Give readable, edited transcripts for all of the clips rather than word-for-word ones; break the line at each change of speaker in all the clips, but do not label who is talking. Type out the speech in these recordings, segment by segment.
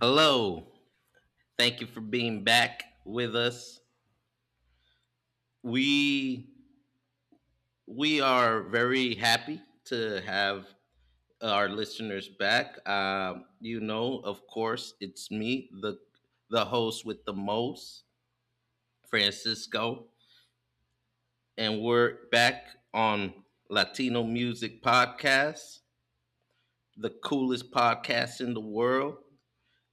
Hello. Thank you for being back with us. We we are very happy to have our listeners back. You know, of course, it's me, the host with the most, Francisco, and we're back on Latino Music Podcast, the coolest podcast in the world.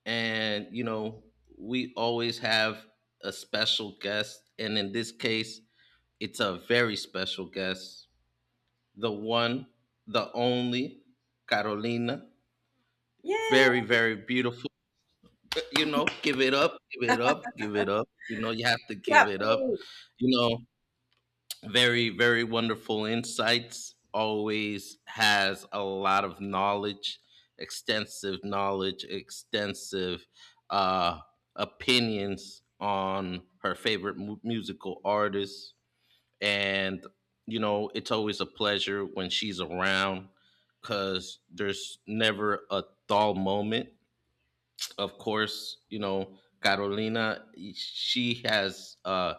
And you know, we always have a special guest, and in this case, it's a very special guest, the one, the only, Carolina.
Yeah.
Very, very beautiful. You know, give it up, give it up, give it up. You know, you have to give
Clap
it
for
up.
me.
You know, very, very wonderful insights. Always has a lot of knowledge, extensive uh, opinions on her favorite musical artists and you know it's always a pleasure when she's around because there's never a dull moment, of course. You know, Carolina, she has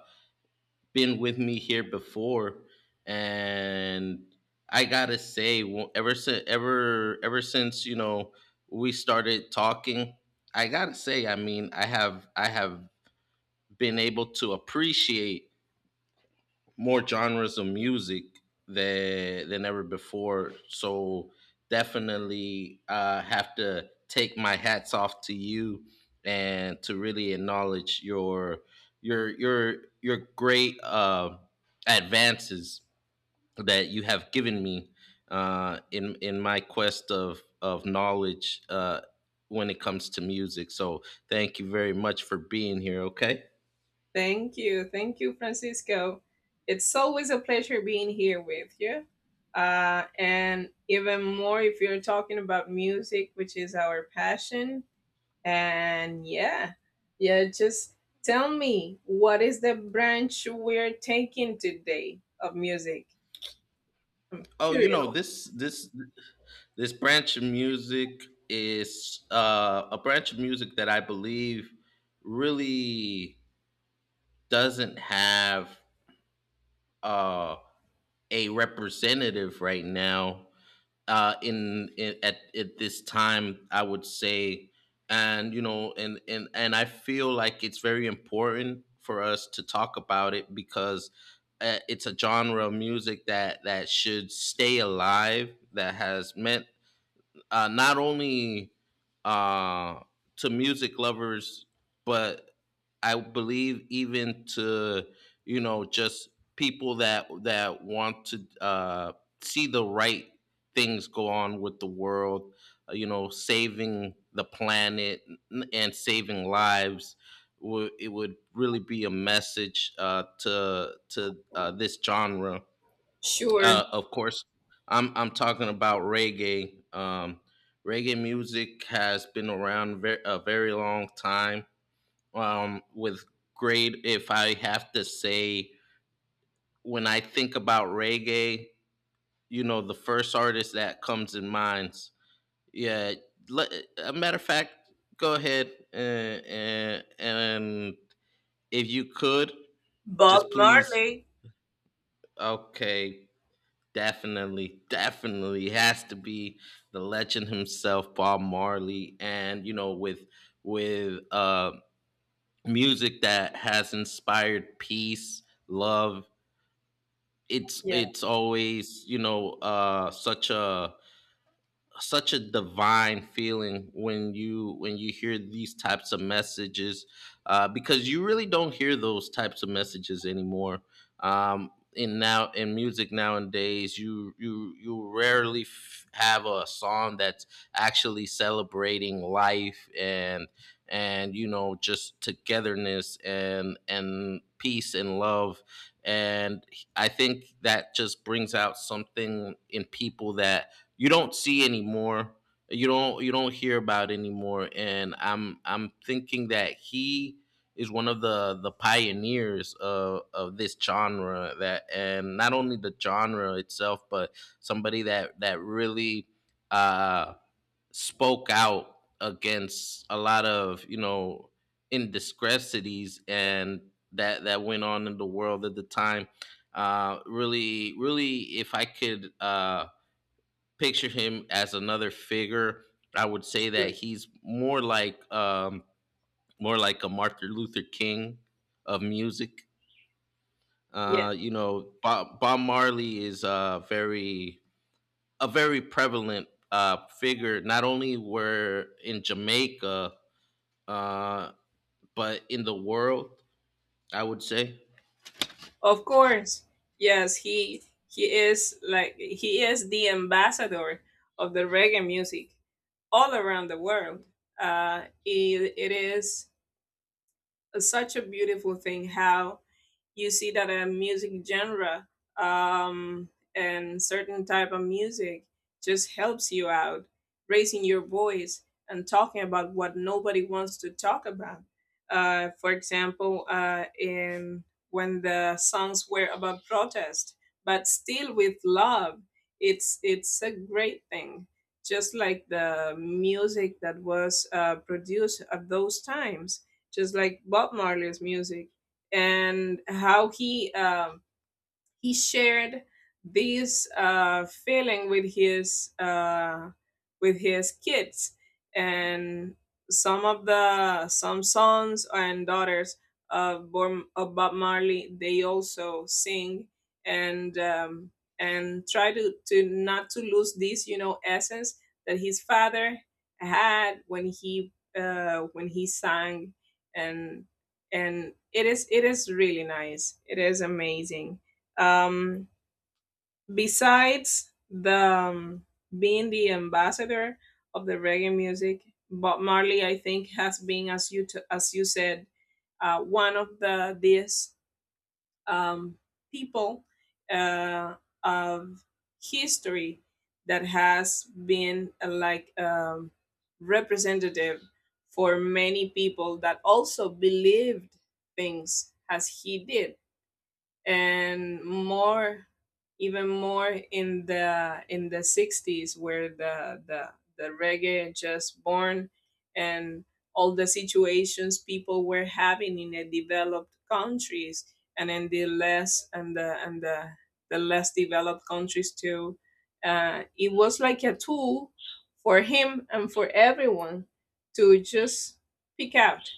been with me here before, and I gotta say ever since you know we started talking. I gotta say, I mean, I have been able to appreciate more genres of music than ever before. So definitely have to take my hats off to you and to really acknowledge your great advances that you have given me, in my quest of knowledge when it comes to music. So thank you very much for being here. Okay.
Thank you. Thank you, Francisco. It's always a pleasure being here with you. And even more if you're talking about music, which is our passion. And yeah, yeah, just tell me, what is the branch we're taking today of music? I'm
Oh, you
curious.
know, this branch of music is a branch of music that I believe really doesn't have uh, a representative right now in at this time, I would say. And you know, and I feel like it's very important for us to talk about it because it's a genre of music that should stay alive, that has meant, not only uh, to music lovers, but I believe even to, you know, just people that want to see the right things go on with the world. You know, saving the planet and saving lives. It would really be a message, to this genre.
Sure.
Of course, I'm talking about reggae. Reggae music has been around a very long time. With great, if I have to say, when I think about reggae, you know, the first artist that comes in minds. Yeah, le- a matter of fact, go ahead and, and if you could,
Bob
just please.
Marley.
Okay, definitely, definitely has to be the legend himself, Bob Marley, and you know, with with music that has inspired peace, love. It's
Yeah,
it's always, you know, such a such a divine feeling when you hear these types of messages, because you really don't hear those types of messages anymore in now in music nowadays. You you rarely have a song that's actually celebrating life, and you know just togetherness and peace and love, and I think that just brings out something in people that you don't see anymore, you don't, you don't hear about anymore. And I'm thinking that he is one of the pioneers of this genre, that, and not only the genre itself, but somebody that really uh spoke out against a lot of, you know, indiscretions and that went on in the world at the time. Really, really, if I could picture him as another figure, I would say
sure.
that he's more like, more like a Martin Luther King of music.
Yeah.
You know, Bob Marley is a very prevalent figure, not only were in Jamaica, uh, but in the world, I would say.
Of course. Yes, he is like he is the ambassador of the reggae music all around the world. It is such a beautiful thing how you see that a music genre, um, and certain type of music just helps you out raising your voice and talking about what nobody wants to talk about, for example, in when the songs were about protest but still with love. It's a great thing, just like the music that was produced at those times, just like Bob Marley's music, and how he shared this, feeling with his, with his kids, and some sons and daughters of, of Bob Marley. They also sing, and and try to not to lose this essence that his father had when he sang. and and it is really nice. It is amazing. Um, besides the um, being the ambassador of the reggae music, Bob Marley, I think, has been, as you said, one of these, um, people, uh, of history, that has been, like, representative for many people that also believed things as he did, and more, even more in the 60s, where the reggae just born, and all the situations people were having in the developed countries, and in the less and the less developed countries too. It was like a tool for him and for everyone to just pick out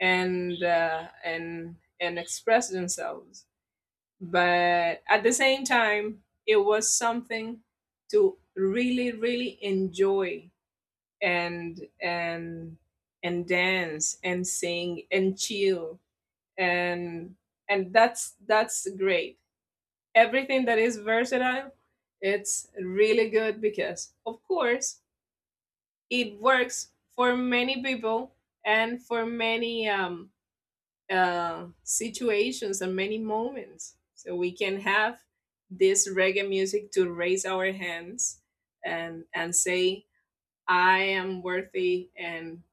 and uh, and and express themselves, but at the same time, it was something to really, really enjoy and and and dance and sing and chill. And and that's that's great. Everything that is versatile, it's really good, because of course it works for many people and for many, situations and many moments. So we can have this reggae music to raise our hands and say, "I am worthy, and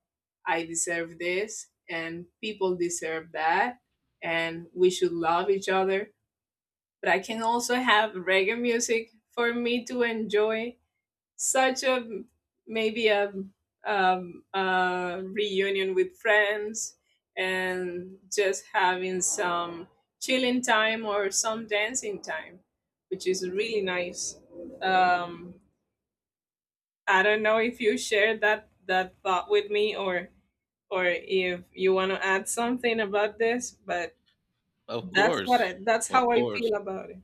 I deserve this, and people deserve that, and we should love each other." But I can also have reggae music for me to enjoy such a, maybe a reunion with friends, and just having some chilling time or some dancing time, which is really nice. Um, I don't know if you shared that thought with me, or if you want to add something about this, but
Of
that's what
course,
I, that's
of
how I
course.
feel about it.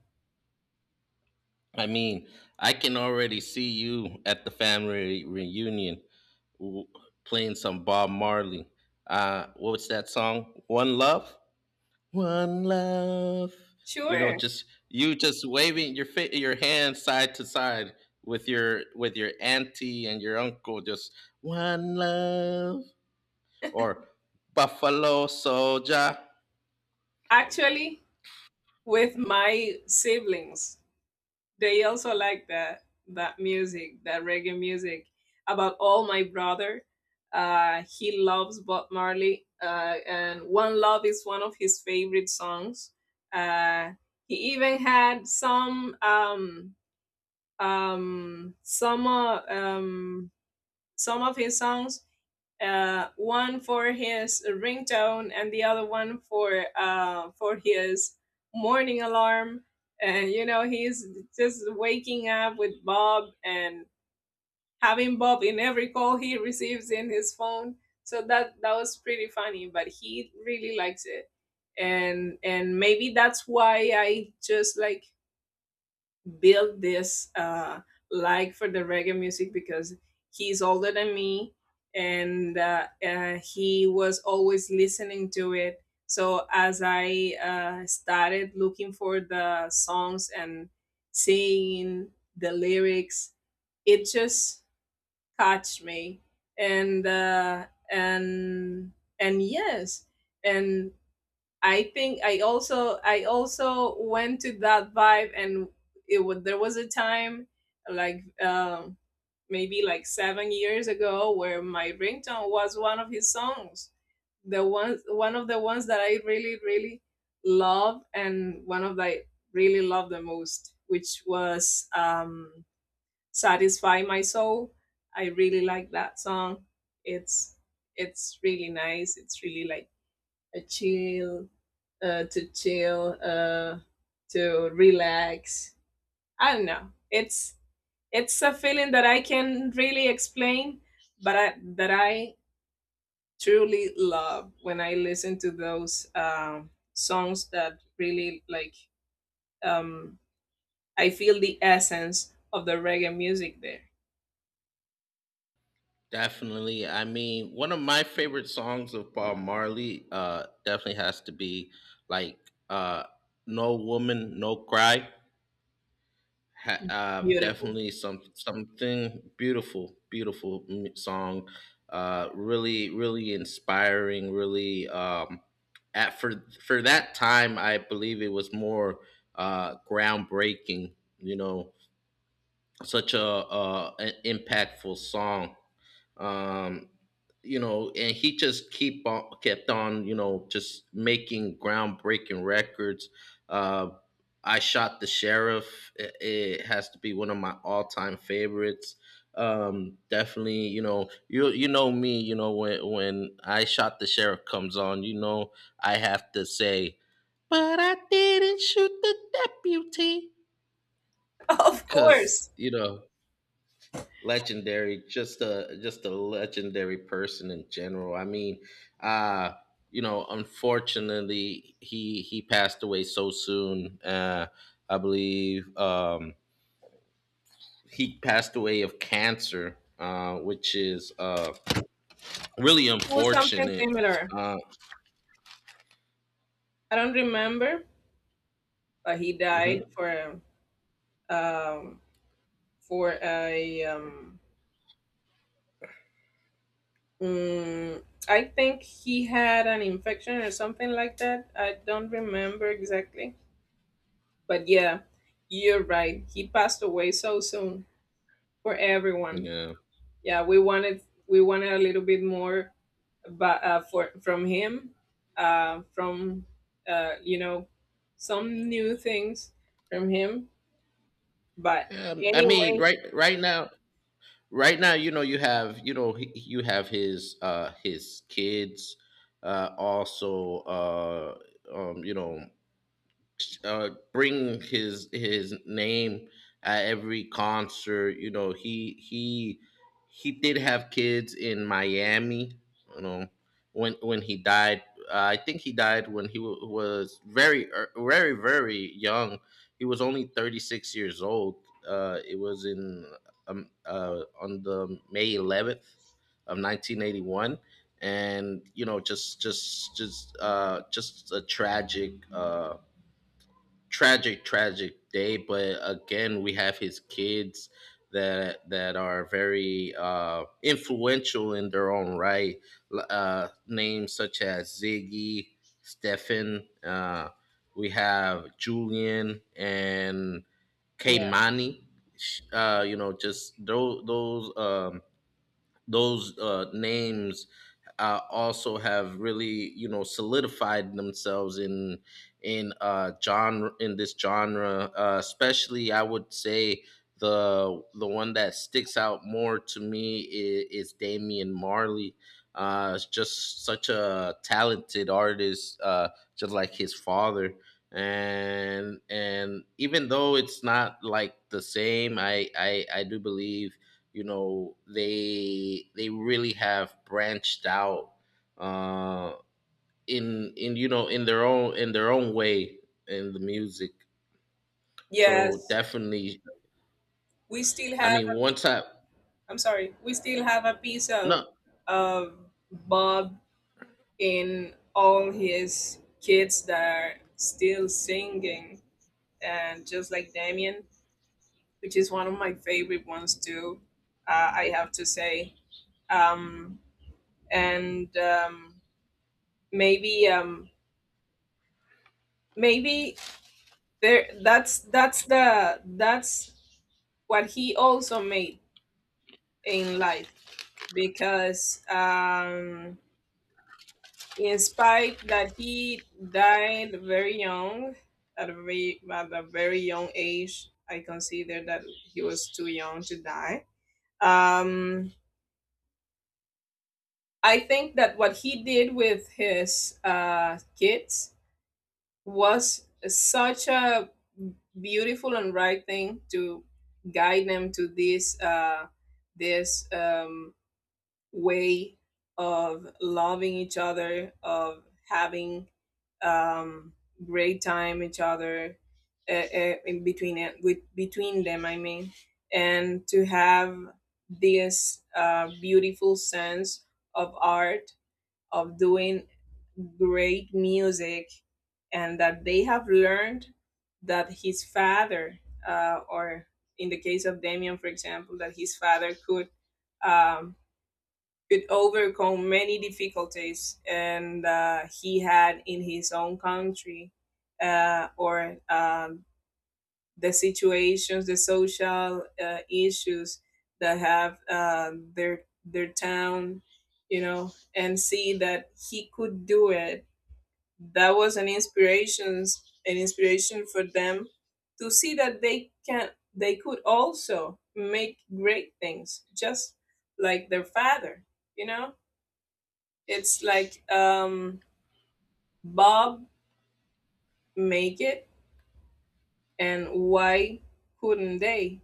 I mean, I can already see you at the family reunion w- playing some Bob Marley. What was that song? One Love. One Love. You know,
Sure.
just you just waving your your hand side to side with your auntie and your uncle. Just one love or Buffalo Soldier.
Actually, with my siblings, they also like that music, that reggae music. About all, my brother, he loves Bob Marley, and One Love is one of his favorite songs. Uh, he even had some, um, some uh, um, some of his songs, one for his ringtone and the other one for for his morning alarm. And, he's just waking up with Bob, and having Bob in every call he receives in his phone. So that was pretty funny, but he really likes it. And maybe that's why I just, like, build this, like, for the reggae music, because he's older than me, and he was always listening to it. So as I, started looking for the songs and seeing the lyrics, it just caught me, and uh, and and yes, and I think I also, went to that vibe. And it was there was a time, like, maybe, like, 7 years ago, where my ringtone was one of his songs. The one of the ones that I really, really love, and one of the I really love the most, which was, Satisfy My Soul. I really like that song. It's it's really nice. It's really like a chill, to chill, to relax. I don't know. It's a feeling that I can really explain, but that I truly love when I listen to those, songs that really like. Um, I feel the essence of the reggae music there.
Definitely. I mean, one of my favorite songs of Bob Marley definitely has to be like, uh, "No Woman, No Cry."
Beautiful.
Definitely some something beautiful, beautiful song. Really, really inspiring. Really, at for that time, I believe it was more groundbreaking. You know, such a, an impactful song. um you know, and he just keep on kept on, you know, just making groundbreaking records. uh I Shot the Sheriff, it has to be one of my all-time favorites. Definitely, you know, you know me, you know, when when I Shot the Sheriff comes on, you know, I have to say, but I didn't shoot the deputy.
Of
Because,
course,
you know, legendary, just a legendary person in general. I mean, uh you know, unfortunately, he passed away so soon. I believe, he passed away of cancer, which is really
it was something
unfortunate.
similar.
uh
I don't remember, but he died
mhm,
for, um for a um Mm, I think he had an infection or something like that. I don't remember exactly. But yeah, you're right. He passed away so soon, for everyone.
yeah.
Yeah, we wanted, a little bit more, but for from him, from you know some new things from him. But
Yeah, I mean,
anyways,
right now, you know, you have, you know, you have his his kids also you know, bring his name at every concert. You know, he he did have kids in Miami. You know, when he died, I think he died when he wa was very very very young. He was only 36 years old. It was in, on the May 11th of 1981. And you know, just a tragic, tragic tragic day. But again, we have his kids that that are very influential in their own right. Names such as Ziggy, Stefan, we have Julian and
yeah.
Kaimani. You know, just those names also have really, you know, solidified themselves in genre in this genre. Especially, I would say the one that sticks out more to me is Damian Marley. Is just such a talented artist, just like his father. And even though it's not like the same, I do believe, you know, they really have branched out uh in you know, in their own way in the music.
Yes,
So definitely,
we still
I
have,
mean, once I
I'm sorry, we still have a piece of
no
of Bob in all his kids that are still singing, and just like Damien, which is one of my favorite ones too. I have to say, um, and, maybe, maybe there that's what he also made in life, because, in spite that he died very young, at a very young age. I consider that he was too young to die. um, I think that what he did with his, kids was such a beautiful and right thing, to guide them to this, way of loving each other, of having, um, great time each other, in between it with between them, I mean. And to have this, beautiful sense of art, of doing great music, and that they have learned that his father, or in the case of Damien, for example, that his father um, could overcome many difficulties, and he had in his own country, or, the situations, the social, issues that have, their town, and see that he could do it. That was an inspiration, an inspiration for them, to see that they could also make great things, just like their father. You know it's like Bob make it, and why couldn't they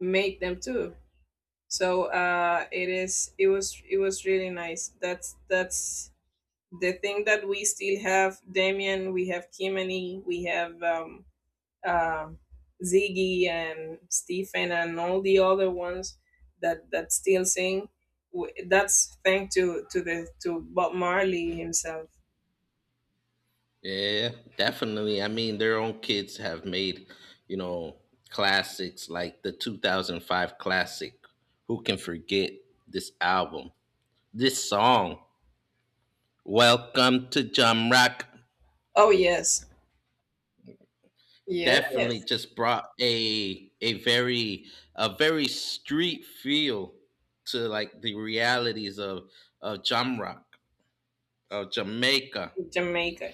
make them too? So, it is. It was. It was really nice. That's the thing that we still have. Damien, we have Kimani, we have, uh, Ziggy and Stephen, and all the other ones that still sing. That's thanks to Bob Marley himself.
yeah, definitely, I mean, their own kids have made, you know, classics like the 2005 classic, who can forget this album, this song, Welcome to Jump Rock.
Oh yes, yes,
Definitely just brought a very street feel to like the realities of jam rock, of Jamaica.
Jamaica.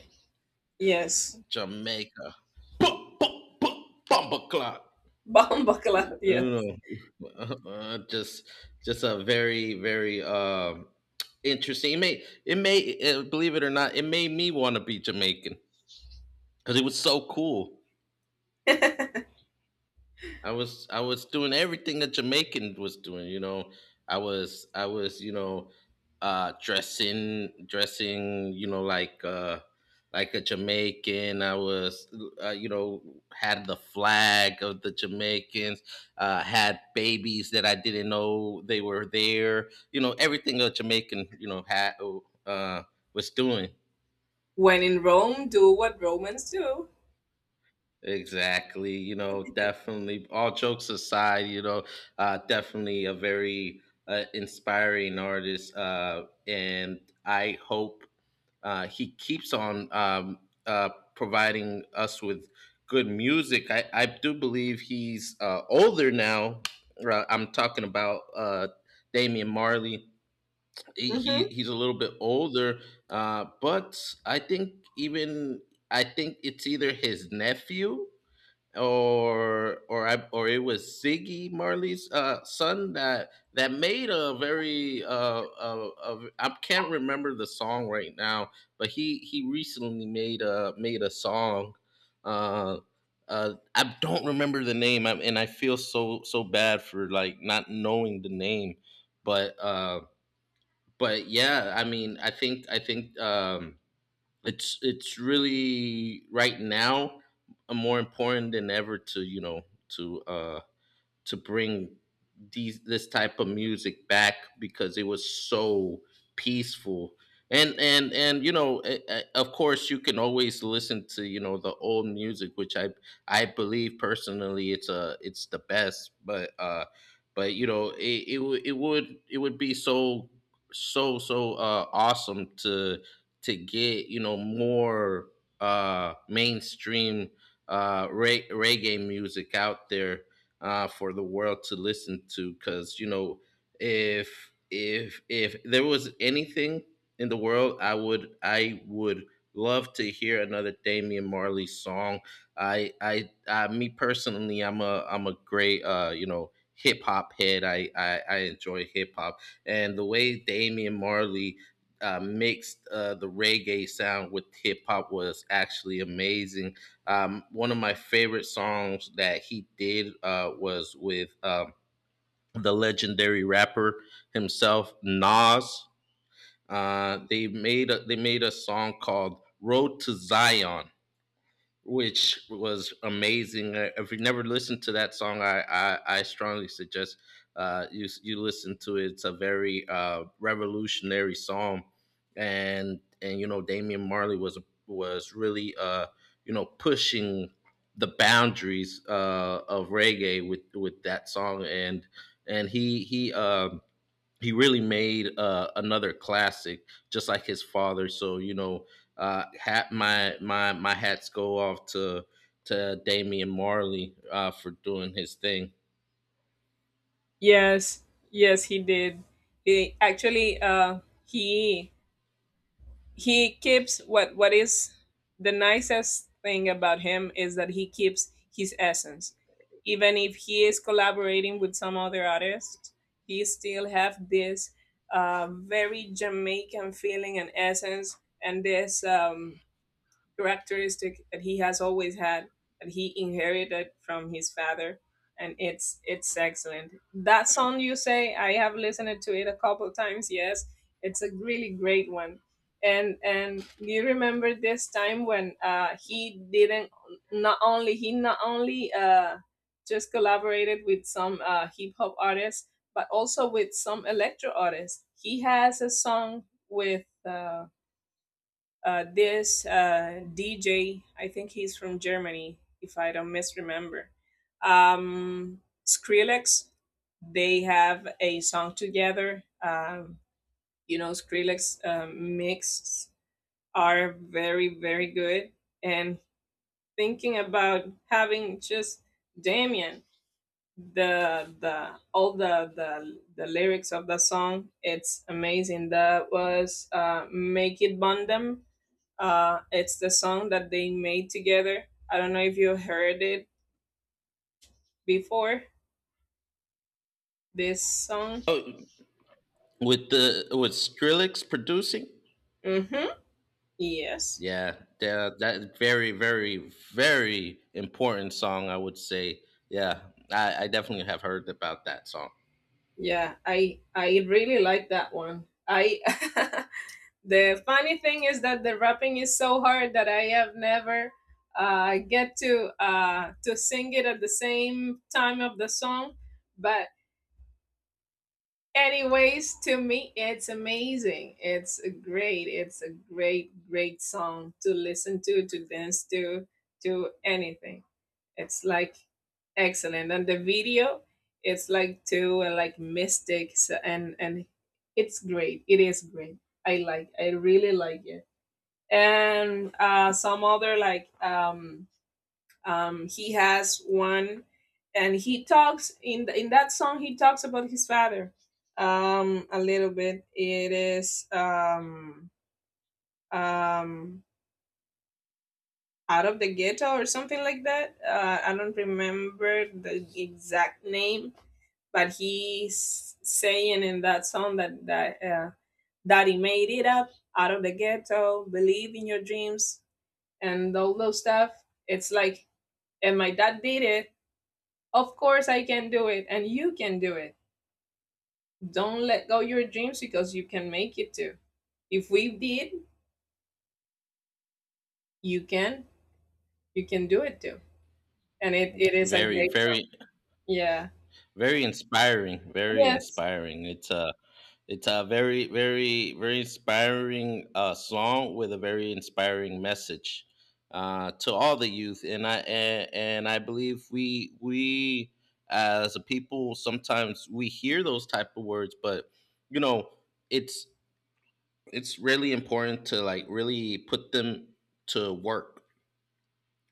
Yes.
Jamaica. Boom, boom, boom, bump o'clock.
Bambaklav. Yeah.
You know, uh, just just a very very interesting. It made, it made, believe it or not, it made me want to be Jamaican because it was so cool. I was doing everything that Jamaican was doing, you know. You know, dressing, you know, like a Jamaican. I was, you know, had the flag of the Jamaicans, had babies that I didn't know they were there. You know, everything a Jamaican, you know, had uh was doing.
When in Rome, do what Romans do.
Exactly. You know, definitely. All jokes aside, you know, definitely a very inspiring artist, and I hope he keeps on, providing us with good music. I do believe he's older now. I'm talking about Damian Marley. He,
Hmm.
he he's a little bit older, but I think even I think it's either his nephew or I or it was Ziggy Marley's son that made a very I can't remember the song right now, but he recently made a song. Uh, I don't remember the name, I, and I feel so so bad for like not knowing the name, but uh, but yeah, I mean, I think. It's really right now more important than ever to, you know, to bring these this type of music back because it was so peaceful, and and you know, of course, you can always listen to, you know, the old music, which I believe personally it's a it's the best. But but you know, it it would, it would be so so awesome to get, you know, more mainstream reggae music out there, for the world to listen to. Because you know, if there was anything in the world, I would love to hear another Damian Marley song. I me personally, I'm a great, you know, hip hop head. I enjoy hip hop and the way Damian Marley mixed the reggae sound with hip hop was actually amazing. One of my favorite songs that he did was with the legendary rapper himself, Nas. They made they made a song called "Road to Zion," which was amazing. If you never listened to that song, I strongly suggest you listen to it. It's a very revolutionary song, and you know Damian Marley was really you know pushing the boundaries of reggae with that song, and and he he. Uh, he really made another classic, just like his father. So you know, hat my my my hats go off to Damian Marley for doing his thing.
Yes. Yes, he did. He actually, he keeps, what is the nicest thing about him is that he keeps his essence. Even if he is collaborating with some other artists, he still have this, very Jamaican feeling and essence, and this, characteristic that he has always had, that he inherited from his father. And it's excellent. That song you say, I have listened to it a couple times, yes. It's a really great one. And do you remember this time when, he didn't, not only, he not only, just collaborated with some, hip hop artists, but also with some electro artists? He has a song with, this, DJ. I think he's from Germany, if I don't misremember. Um, Skrillex, they have a song together. Skrillex, mixes are very, very good. And thinking about having just Damien, the all the lyrics of the song, it's amazing. That was, "Make It Bondem." It's the song that they made together. I don't know if you heard it before. This song.
Oh, with the with Skrillex producing,
Mm-hmm. Yes.
yeah, that that very very very important song, I would say. Yeah, I definitely have heard about that song.
Yeah. I really like that one. I. The funny thing is that the rapping is so hard that I have never, get to sing it at the same time of the song. But anyways, to me, it's amazing. It's a great, great song to listen to dance to anything. It's like excellent. And the video, it's like two, like, mystics, and it's great. It is great. I like. I really like it. And, some other, like, he has one, and he talks in that song. He talks about his father, a little bit. It is, um, out of the ghetto or something like that. I don't remember the exact name, but he's saying in that song that, that he made it up, out of the ghetto, believe in your dreams, and all those stuff. It's like, and my dad did it. Of course, I can do it, and you can do it. Don't let go your dreams, because you can make it too. If we did, you can. You can do it too. And it is a
Very
great song.
very
Yeah.
very inspiring. Very
Yes.
inspiring. It's it's a very, very, very inspiring song with a very inspiring message to all the youth, and I believe we as a people sometimes we hear those type of words, but you know it's it's really important to like really put them to work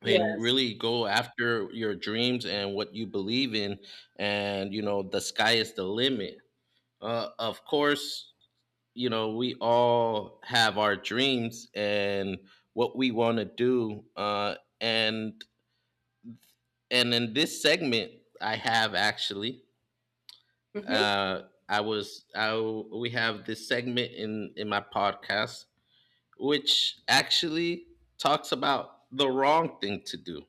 and
Yes.
really go after your dreams and what you believe in, and you know the sky is the limit. Of course, you know, we all have our dreams and what we want to do. And and in this segment, I have
Mm-hmm.
uh, I we have this segment in my podcast, which actually talks about the wrong thing to do.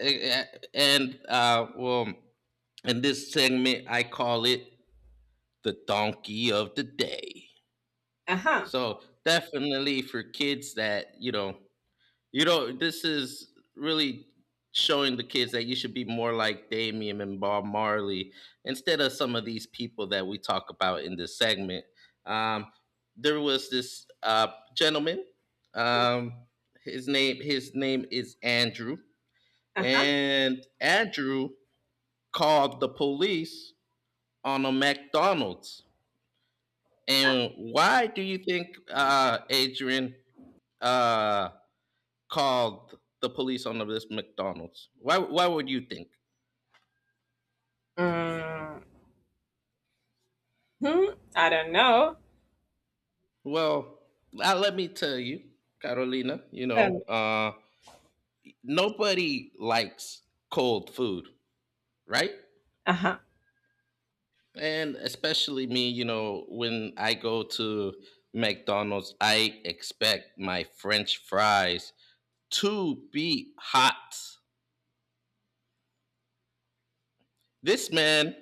Eh, eh, And uh, well, in this segment, I call it the donkey of the day.
Uh-huh.
So definitely for kids that you know, this is really showing the kids that you should be more like Damian and Bob Marley instead of some of these people that we talk about in this segment. Um, there was this gentleman. Um, his name is Andrew,
Uh-huh.
and Andrew called the police on a McDonald's. And why do you think, Adrian, uh, called the police on this McDonald's? Why? Why would you think?
Mm, hmm. I don't know.
Well, let me tell you, Carolina. You
Um,
know, nobody likes cold food, right?
uh-huh.
And especially me. You know, when I go to McDonald's, I expect my French fries to be hot. This man,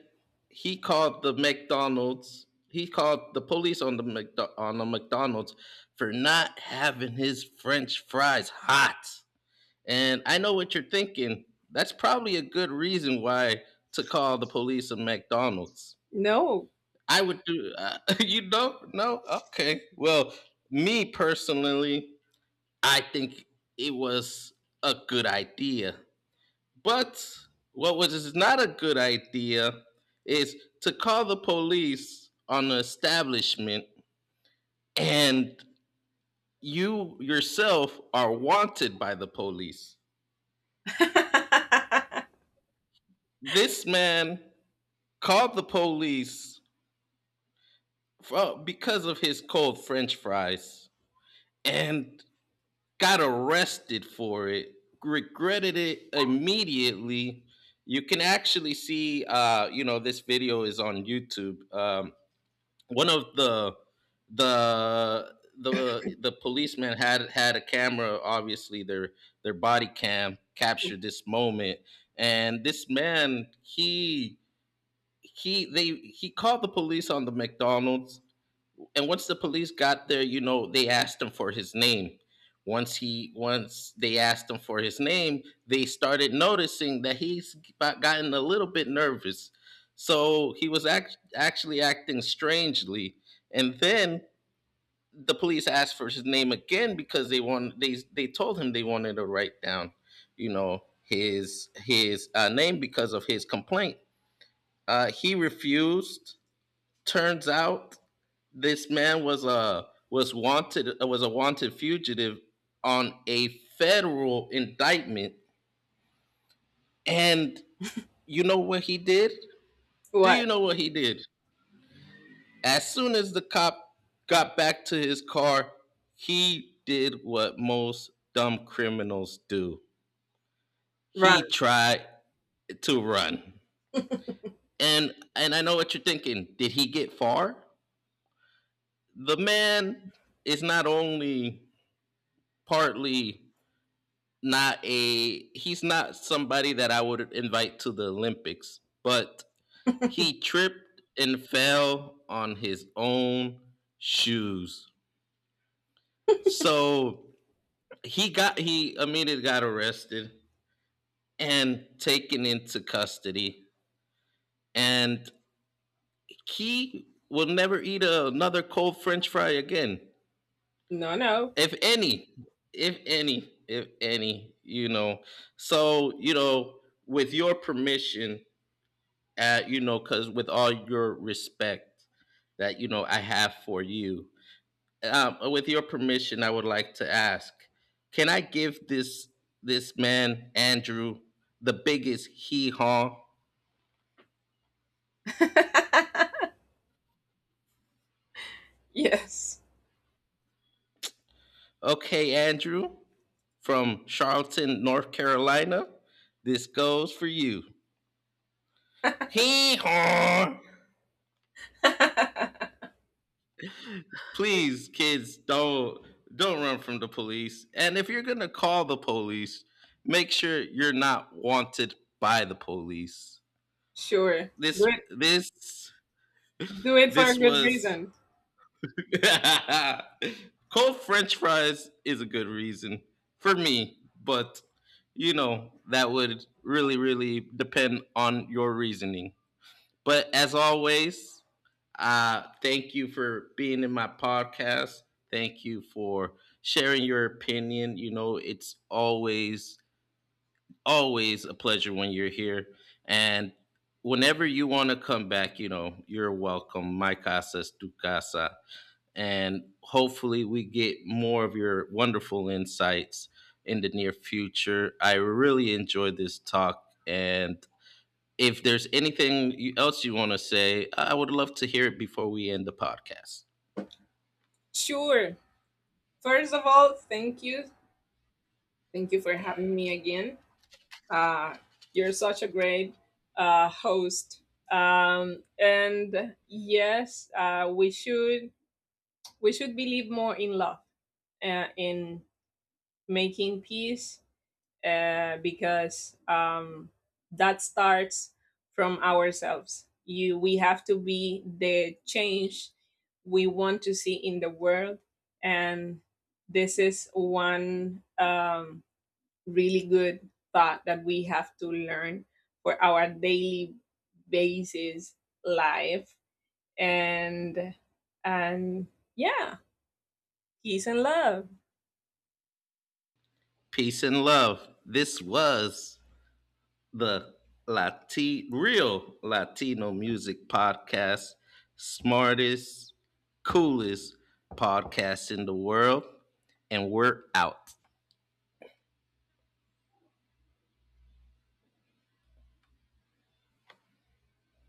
he called the McDonald's. He called the police on the McDonald's for not having his French fries hot. And I know what you're thinking. That's probably a good reason why to call the police on McDonald's.
No.
I would do. You don't? No. Okay. Well, me personally, I think it was a good idea, but what was not a good idea is to call the police on the establishment and you yourself are wanted by the police. This man called the police because of his cold french fries and got arrested for it, regretted it immediately. You can actually see, you know, this video is on YouTube. One of the policeman had had a camera. Obviously their body cam captured this moment, and this man he called the police on the McDonald's, and once the police got there, you know, they asked him for his name. Once they asked him for his name, they started noticing that he's gotten a little bit nervous. So he was actually acting strangely. And then the police asked for his name again because they told him they wanted to write down, you know, his name because of his complaint. He refused. Turns out this man was a wanted fugitive on a federal indictment, and you know what he did? Do
What?
you know what he did? As soon as the cop got back to his car, he did what most dumb criminals do:
Run.
he tried to run. And I know what you're thinking: did he get far? The man is not only partly not a he's not somebody that I would invite to the Olympics, but he tripped and fell on his own shoes. So he got he immediately got arrested and taken into custody, and he will never eat another cold french fry again.
No, no.
If any if any if any you know, so you know, with your permission, you know, because with all your respect that you know I have for you, with your permission, I would like to ask: can I give this this man Andrew the biggest hee haw?
Yes.
Okay, Andrew from Charleston, North Carolina, this goes for you. Hee haw! Please, kids, don't run from the police, and if you're gonna call the police, make sure you're not wanted by the police.
Sure. Do
this
it.
this
Do it for a
this
good
was
reason.
cold french fries is a good reason for me, but you know, that would really really depend on your reasoning. But as always, thank you for being in my podcast. Thank you for sharing your opinion. You know, it's always, always a pleasure when you're here. And whenever you want to come back, you know, you're welcome. My casa es tu casa. And hopefully we get more of your wonderful insights in the near future. I really enjoyed this talk, and if there's else you want to say, I would love to hear it before we end the podcast.
Sure. First of all, thank you. Thank you for having me again. Uh, you're such a great, host. And yes, we should believe more in love, in making peace, because, that starts from ourselves. We have to be the change we want to see in the world, and this is one, really good thought that we have to learn for our daily basis life, and and yeah, peace and love.
Peace and love. This was the real Latino music podcast, smartest, coolest podcast in the world, and we're out.